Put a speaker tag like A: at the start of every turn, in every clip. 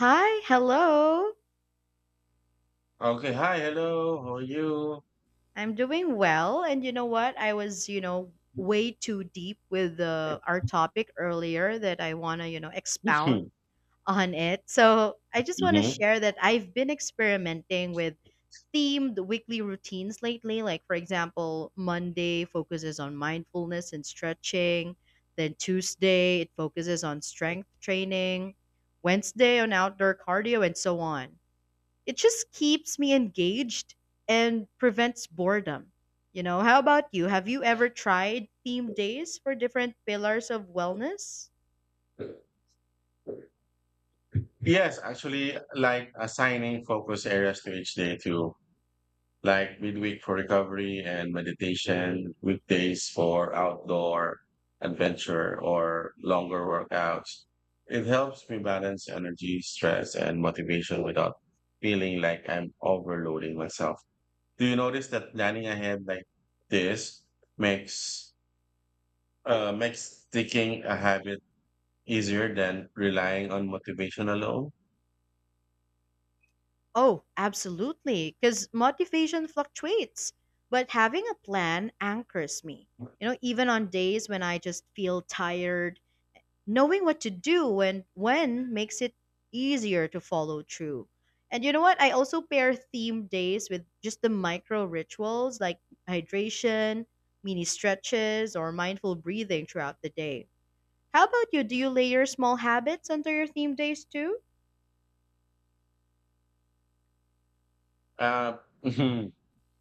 A: Hi, hello.
B: Okay, hi, hello, how are you?
A: I'm doing well. And you know what? I was way too deep with our topic earlier that I want to expound on it. So I just want to
B: Mm-hmm.
A: share that I've been experimenting with themed weekly routines lately. Like, for example, Monday focuses on mindfulness and stretching. Then Tuesday, it focuses on strength training. Wednesday, on outdoor cardio, and so on. It just keeps me engaged and prevents boredom. How about you? Have you ever tried theme days for different pillars of wellness?
B: Yes, actually, like assigning focus areas to each day too, like midweek for recovery and meditation, weekdays for outdoor adventure or longer workouts. It helps me balance energy, stress, and motivation without feeling like I'm overloading myself. Do you notice that planning ahead like this makes makes sticking a habit easier than relying on motivation alone?
A: Oh, absolutely, because motivation fluctuates. But having a plan anchors me. You know, even on days when I just feel tired knowing what to do and when makes it easier to follow through. And you know what? I also pair theme days with just the micro rituals like hydration, mini stretches, or mindful breathing throughout the day. How about you? Do you layer small habits under your theme days too?
B: Uh,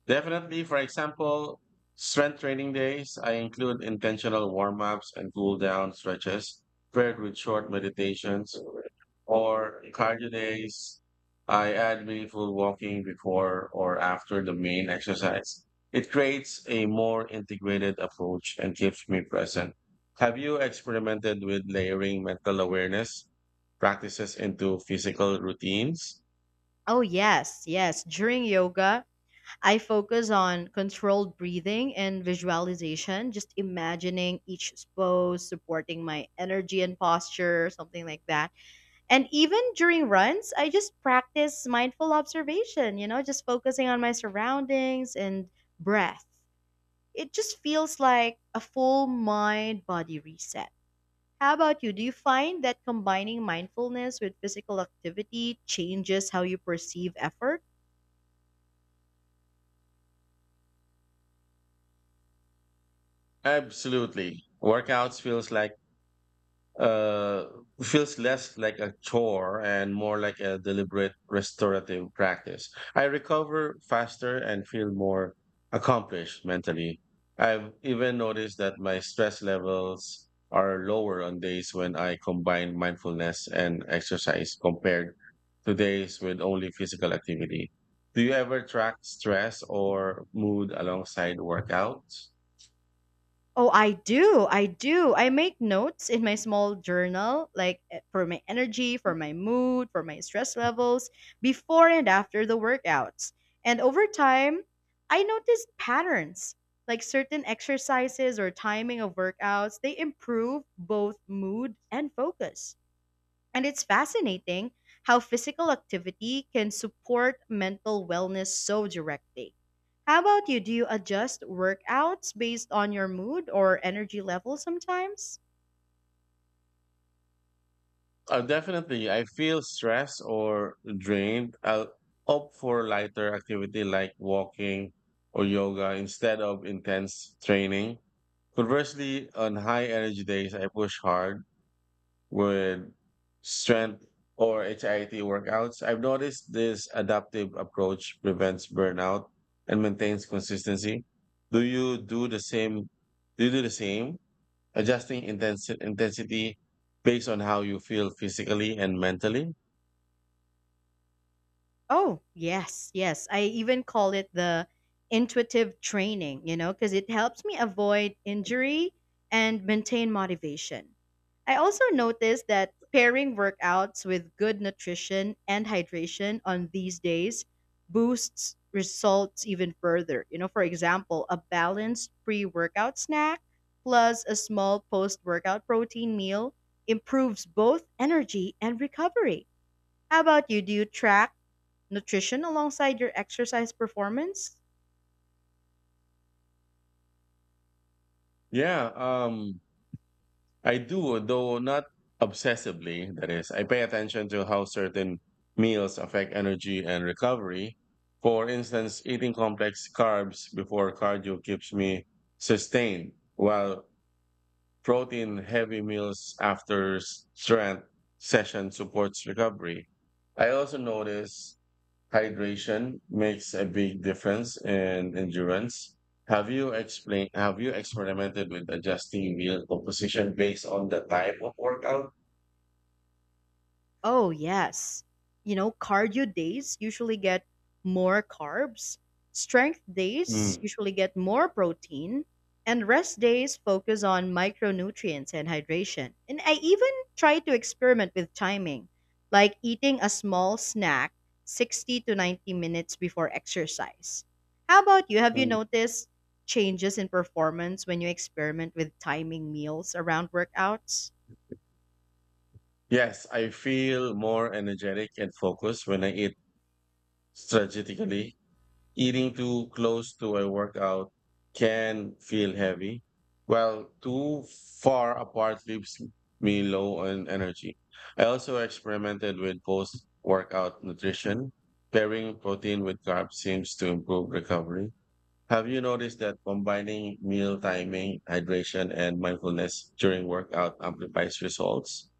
B: Definitely, for example, strength training days, I include intentional warm ups and cool down stretches paired with short meditations. Or cardio days, I add meaningful walking before or after the main exercise. It creates a more integrated approach and keeps me present. Have you experimented with layering mental awareness practices into physical routines?
A: Oh, yes, yes. During yoga, I focus on controlled breathing and visualization, just imagining each pose supporting my energy and posture, something like that. And even during runs, I just practice mindful observation, you know, just focusing on my surroundings and breath. It just feels like a full mind body reset. How about you? Do you find that combining mindfulness with physical activity changes how you perceive effort?
B: Absolutely. Workouts feels like uh, feels less like a chore and more like a deliberate restorative practice. I recover faster and feel more accomplished mentally. I've even noticed that my stress levels are lower on days when I combine mindfulness and exercise compared to days with only physical activity. Do you ever track stress or mood alongside workouts?
A: Oh, I do. I do. I make notes in my small journal, like for my energy, for my mood, for my stress levels, before and after the workouts. And over time, I noticed patterns, like certain exercises or timing of workouts, they improve both mood and focus. And it's fascinating how physical activity can support mental wellness so directly. How about you? Do you adjust workouts based on your mood or energy level sometimes?
B: Definitely, I feel stressed or drained. I'll opt for lighter activity like walking or yoga instead of intense training. Conversely, on high energy days, I push hard with strength or HIIT workouts. I've noticed this adaptive approach prevents burnout and maintains consistency. Do you do the same? Do you do the same, adjusting intensity based on how you feel physically and mentally?
A: Oh, yes, yes. I even call it the intuitive training, you know, because it helps me avoid injury and maintain motivation. I also noticed that pairing workouts with good nutrition and hydration on these days boosts results even further. You know, for example, a balanced pre workout snack plus a small post workout protein meal improves both energy and recovery. How about you? Do you track nutrition alongside your exercise performance?
B: Yeah, I do, though not obsessively. That is, I pay attention to how certain meals affect energy and recovery. For instance, eating complex carbs before cardio keeps me sustained, while protein heavy meals after strength session supports recovery. I also notice hydration makes a big difference in endurance. Have you experimented with adjusting meal composition based on the type of workout?
A: Oh, yes. You know, cardio days usually get more carbs, strength days
B: Mm,
A: usually get more protein, and rest days focus on micronutrients and hydration. And I even try to experiment with timing, like eating a small snack 60 to 90 minutes before exercise. How about you? Have you
B: mm.
A: noticed changes in performance when you experiment with timing meals around workouts?
B: Yes, I feel more energetic and focused when I eat strategically. Eating too close to a workout can feel heavy, while too far apart leaves me low on energy. I also experimented with post workout nutrition. Pairing protein with carbs seems to improve recovery. Have you noticed that combining meal timing, hydration, and mindfulness during workout amplifies results?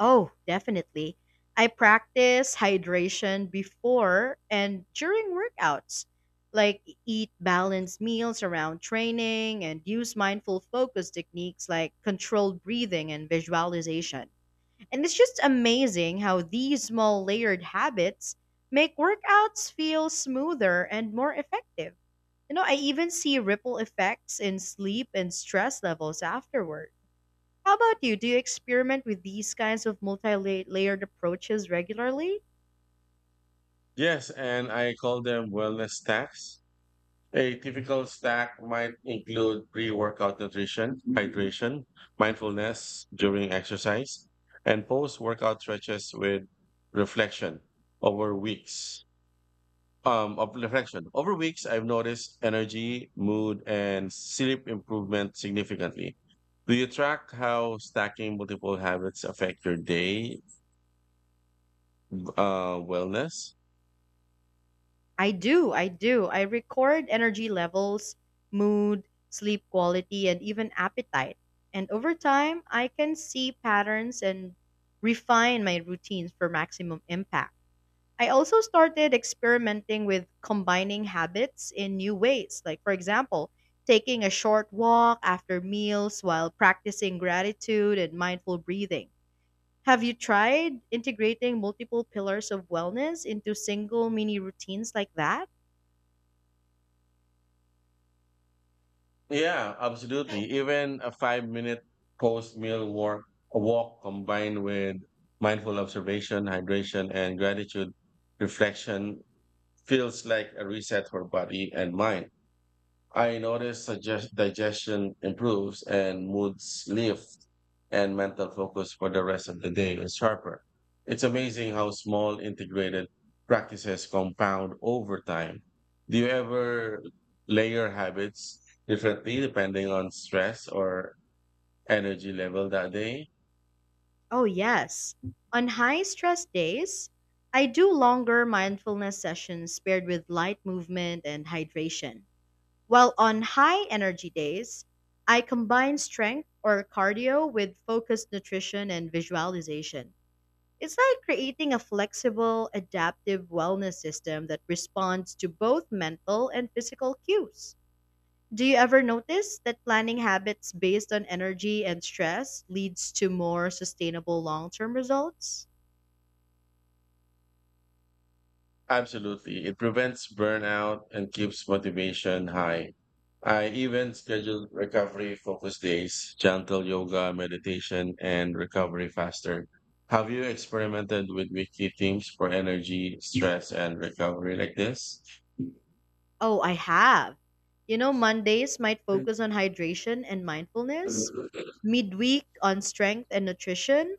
A: Oh, definitely. I practice hydration before and during workouts. Like eat balanced meals around training and use mindful focus techniques like controlled breathing and visualization. And it's just amazing how these small layered habits make workouts feel smoother and more effective. You know, I even see ripple effects in sleep and stress levels afterward. How about you? Do you experiment with these kinds of multi-layered approaches regularly?
B: Yes, and I call them wellness stacks. A typical stack might include pre workout nutrition, hydration, mindfulness during exercise, and post workout stretches with reflection over weeks. Of reflection over weeks, I've noticed energy, mood, and sleep improvement significantly. Do you track how stacking multiple habits affect your day wellness?
A: I do, I do. I record energy levels, mood, sleep quality, and even appetite. And over time, I can see patterns and refine my routines for maximum impact. I also started experimenting with combining habits in new ways, like, for example, taking a short walk after meals while practicing gratitude and mindful breathing. Have you tried integrating multiple pillars of wellness into single mini routines like that?
B: Yeah, absolutely. Even a 5 minute post meal walk, a walk combined with mindful observation, hydration, and gratitude reflection feels like a reset for body and mind. I notice digestion improves and moods lift and mental focus for the rest of the day is sharper. It's amazing how small integrated practices compound over time. Do you ever layer habits differently depending on stress or energy level that day?
A: Oh, yes. On high stress days, I do longer mindfulness sessions paired with light movement and hydration. While on high energy days, I combine strength or cardio with focused nutrition and visualization. It's like creating a flexible, adaptive wellness system that responds to both mental and physical cues. Do you ever notice that planning habits based on energy and stress leads to more sustainable long term results?
B: Absolutely. It prevents burnout and keeps motivation high. I even schedule recovery focus days, gentle yoga, meditation, and recovery faster. Have you experimented with weekly themes for energy, stress, and recovery like this?
A: Oh, I have. You know, Mondays might focus on hydration and mindfulness, midweek on strength and nutrition,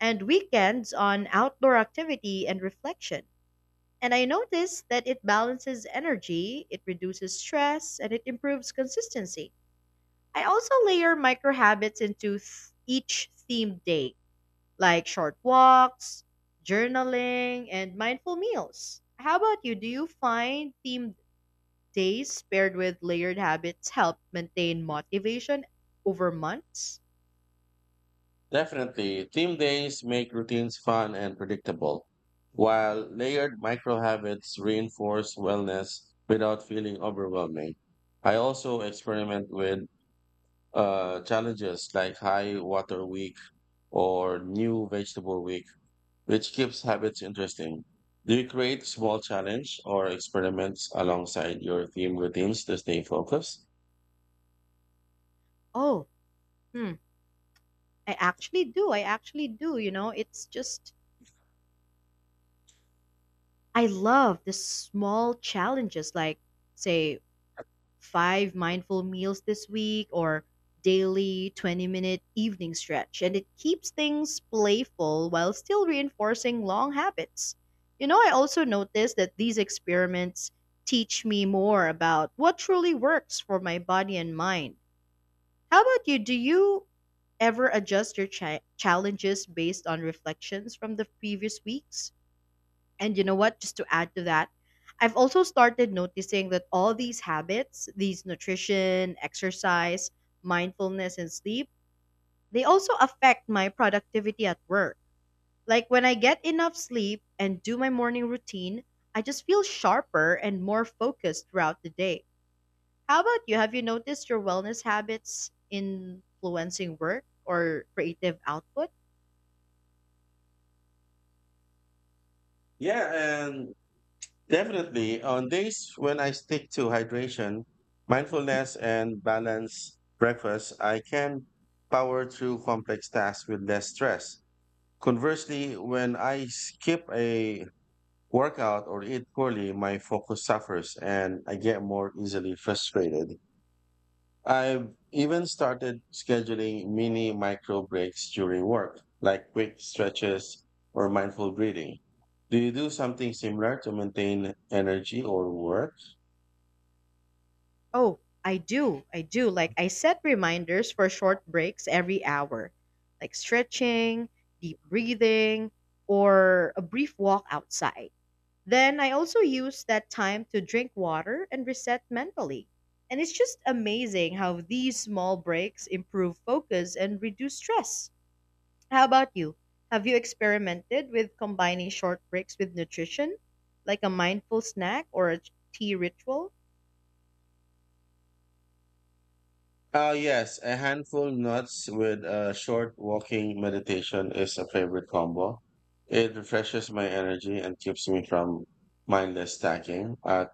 A: and weekends on outdoor activity and reflection. And I noticed that it balances energy, it reduces stress, and it improves consistency. I also layer micro habits into each themed day like short walks, journaling, and mindful meals. How about you? Do you find themed days paired with layered habits help maintain motivation over months?
B: Definitely. Theme days make routines fun and predictable, while layered micro habits reinforce wellness without feeling overwhelming. I also experiment with challenges like high water week or new vegetable week, which keeps habits interesting. Do you create small challenge or experiments alongside your theme routines to stay focused?
A: Oh, hmm. I actually do. I actually do. You know, it's just, I love the small challenges like, say, five mindful meals this week or daily 20-minute minute evening stretch and it keeps things playful while still reinforcing long habits. You know, I also noticed that these experiments teach me more about what truly works for my body and mind. How about you? Do you ever adjust your challenges based on reflections from the previous weeks? And you know what? Just to add to that, I've also started noticing that all these habits, these nutrition, exercise, mindfulness, and sleep, they also affect my productivity at work. Like when I get enough sleep and do my morning routine, I just feel sharper and more focused throughout the day. How about you? Have you noticed your wellness habits influencing work or creative output?
B: Yeah, and Definitely on days when I stick to hydration, mindfulness, and balanced breakfast, I can power through complex tasks with less stress. Conversely, when I skip a work out or eat poorly, my focus suffers and I get more easily frustrated. I've even started scheduling mini micro breaks during work, like quick stretches or mindful breathing. Do you do something similar to maintain energy or work?
A: Oh, I do. I do. Like, I set reminders for short breaks every hour, like stretching, deep breathing, or a brief walk outside. Then I also use that time to drink water and reset mentally. And it's just amazing how these small breaks improve focus and reduce stress. How about you? Have you experimented with combining short breaks with nutrition, like a mindful snack or a tea ritual?
B: Yes, a handful nuts with a short walking meditation is a favorite combo. It refreshes my energy and keeps me from mindless stacking at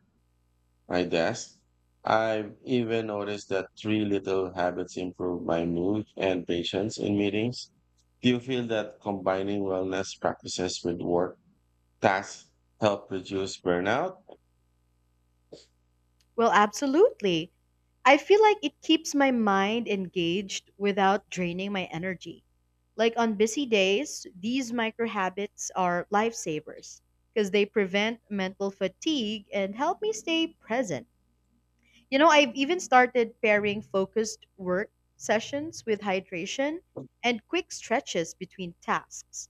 B: my desk. I've even noticed that three little habits improve my mood and patience in meetings. Do you feel that combining wellness practices with work tasks help reduce burnout?
A: Well, absolutely. I feel like it keeps my mind engaged without draining my energy. Like on busy days, these micro habits are lifesavers because they prevent mental fatigue and help me stay present. You know, I've even started pairing focused work sessions with hydration and quick stretches between tasks.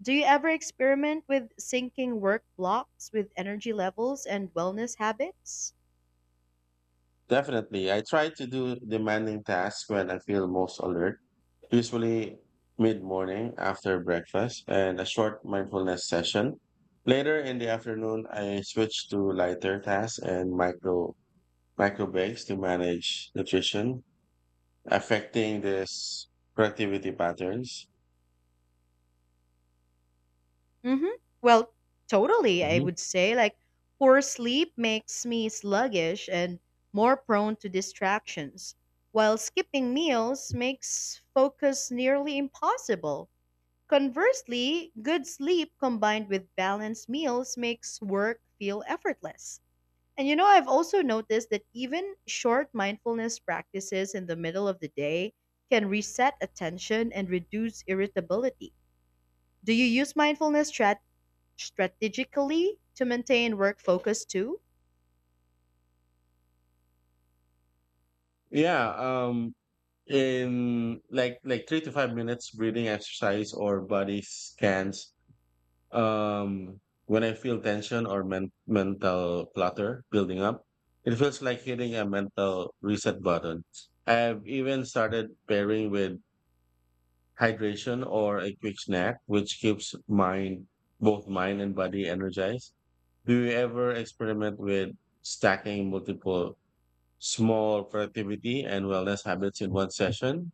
A: Do you ever experiment with syncing work blocks with energy levels and wellness habits?
B: Definitely. I try to do demanding tasks when I feel most alert, usually mid morning after breakfast and a short mindfulness session. Later in the afternoon, I switch to lighter tasks and micro breaks to manage nutrition, affecting this productivity patterns.
A: Mm-hmm. Well, totally, I
B: Mhm.
A: would say. Like, poor sleep makes me sluggish and more prone to distractions, while skipping meals makes focus nearly impossible. Conversely, good sleep combined with balanced meals makes work feel effortless. And you know, I've also noticed that even short mindfulness practices in the middle of the day can reset attention and reduce irritability. Do you use mindfulness strategically to maintain work focus too?
B: Yeah, in like 3 to 5 minutes breathing exercise or body scans. Um, when I feel tension or mental clutter building up, it feels like hitting a mental reset button. I've even started pairing with hydration or a quick snack, which keeps both mind and body energized. Do you ever experiment with stacking multiple small productivity and wellness habits in one session?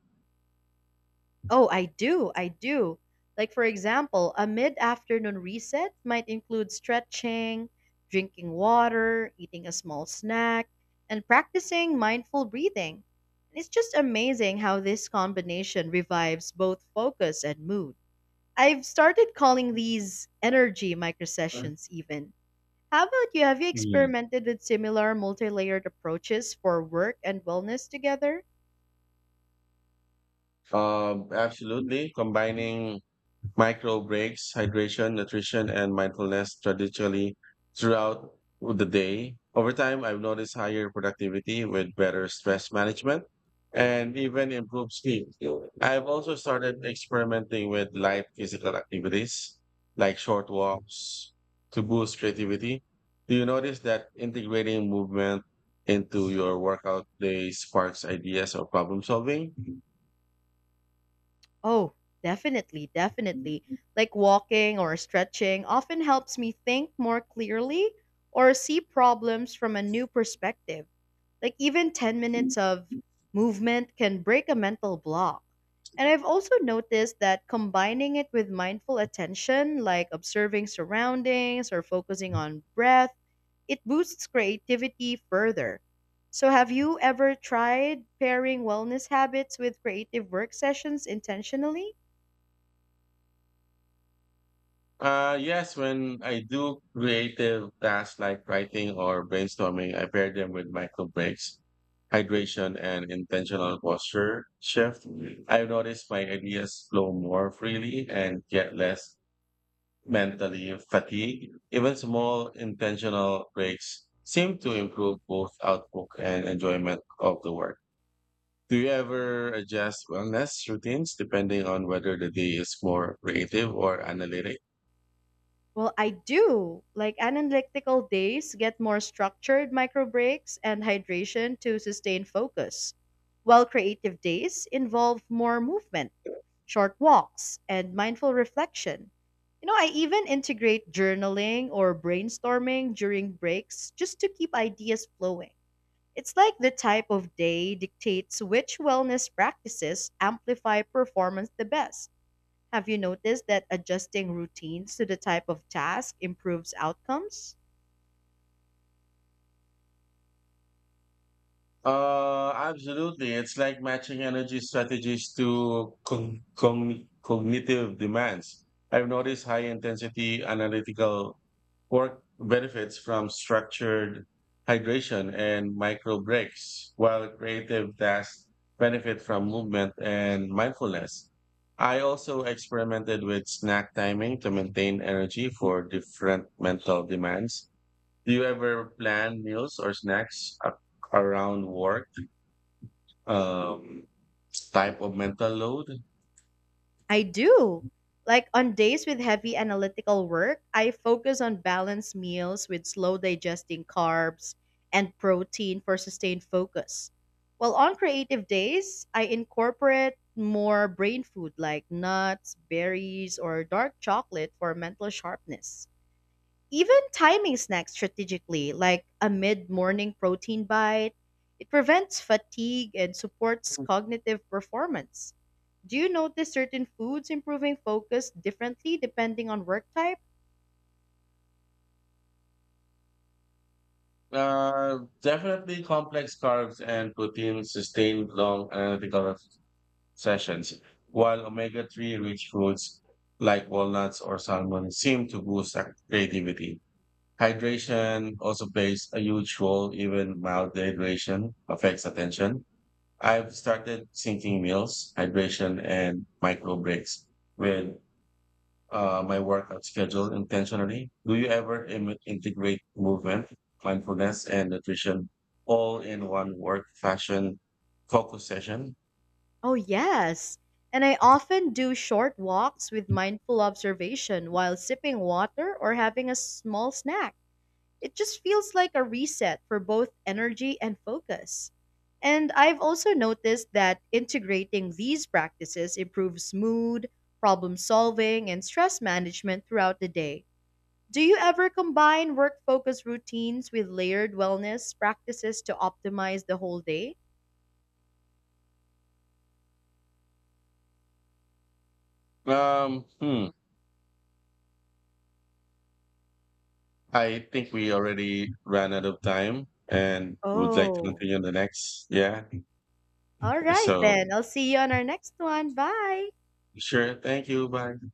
A: Oh, I do. I do. Like, for example, a mid afternoon reset might include stretching, drinking water, eating a small snack, and practicing mindful breathing. It's just amazing how this combination revives both focus and mood. I've started calling these energy microsessions even. How about you? Have you
B: Mm.
A: experimented with similar multi-layered approaches for work and wellness together?
B: Absolutely. Combining micro breaks, hydration, nutrition, and mindfulness strategically throughout the day. Over time, I've noticed higher productivity with better stress management and even improved sleep. I've also started experimenting with light physical activities like short walks to boost creativity. Do you notice that integrating movement into your workout day sparks ideas or problem solving?
A: Oh, definitely, definitely. Like walking or stretching often helps me think more clearly or see problems from a new perspective. Like even 10 minutes of movement can break a mental block. And I've also noticed that combining it with mindful attention, like observing surroundings or focusing on breath, it boosts creativity further. So, have you ever tried pairing wellness habits with creative work sessions intentionally?
B: Yes, when I do creative tasks like writing or brainstorming, I pair them with micro breaks, hydration, and intentional posture shift. I've noticed my ideas flow more freely and get less mentally fatigued. Even small intentional breaks seem to improve both output and enjoyment of the work. Do you ever adjust wellness routines depending on whether the day is more creative or analytic?
A: Well, I do. Like analytical days get more structured micro breaks and hydration to sustain focus, while creative days involve more movement, short walks, and mindful reflection. You know, I even integrate journaling or brainstorming during breaks just to keep ideas flowing. It's like the type of day dictates which wellness practices amplify performance the best. Have you noticed that adjusting routines to the type of task improves outcomes?
B: Absolutely. It's like matching energy strategies to cognitive demands. I've noticed high intensity analytical work benefits from structured hydration and micro breaks, while creative tasks benefit from movement and mindfulness. I also experimented with snack timing to maintain energy for different mental demands. Do you ever plan meals or snacks around work, um, type of mental load?
A: I do. Like on days with heavy analytical work, I focus on balanced meals with slow digesting carbs and protein for sustained focus. While on creative days, I incorporate more brain food like nuts, berries, or dark chocolate for mental sharpness. Even timing snacks strategically, like a mid morning protein bite, it prevents fatigue and supports cognitive performance. Do you notice certain foods improving focus differently depending on work type?
B: Definitely complex carbs and protein sustain long analytical sessions, while omega 3 rich foods like walnuts or salmon seem to boost creativity. Hydration also plays a huge role, even mild dehydration affects attention. I've started syncing meals, hydration, and micro breaks with my workout schedule intentionally. Do you ever integrate movement, mindfulness, and nutrition all in one work fashion focus session?
A: Oh, yes. And I often do short walks with mindful observation while sipping water or having a small snack. It just feels like a reset for both energy and focus. And I've also noticed that integrating these practices improves mood, problem solving, and stress management throughout the day. Do you ever combine work focus routines with layered wellness practices to optimize the whole day?
B: Um, hmm. I think we already ran out of time and would like to
A: Oh,
B: continue on the next. Yeah.
A: all right
B: So,
A: then. I'll see you on our next one. Bye.
B: sure. Thank you. Bye.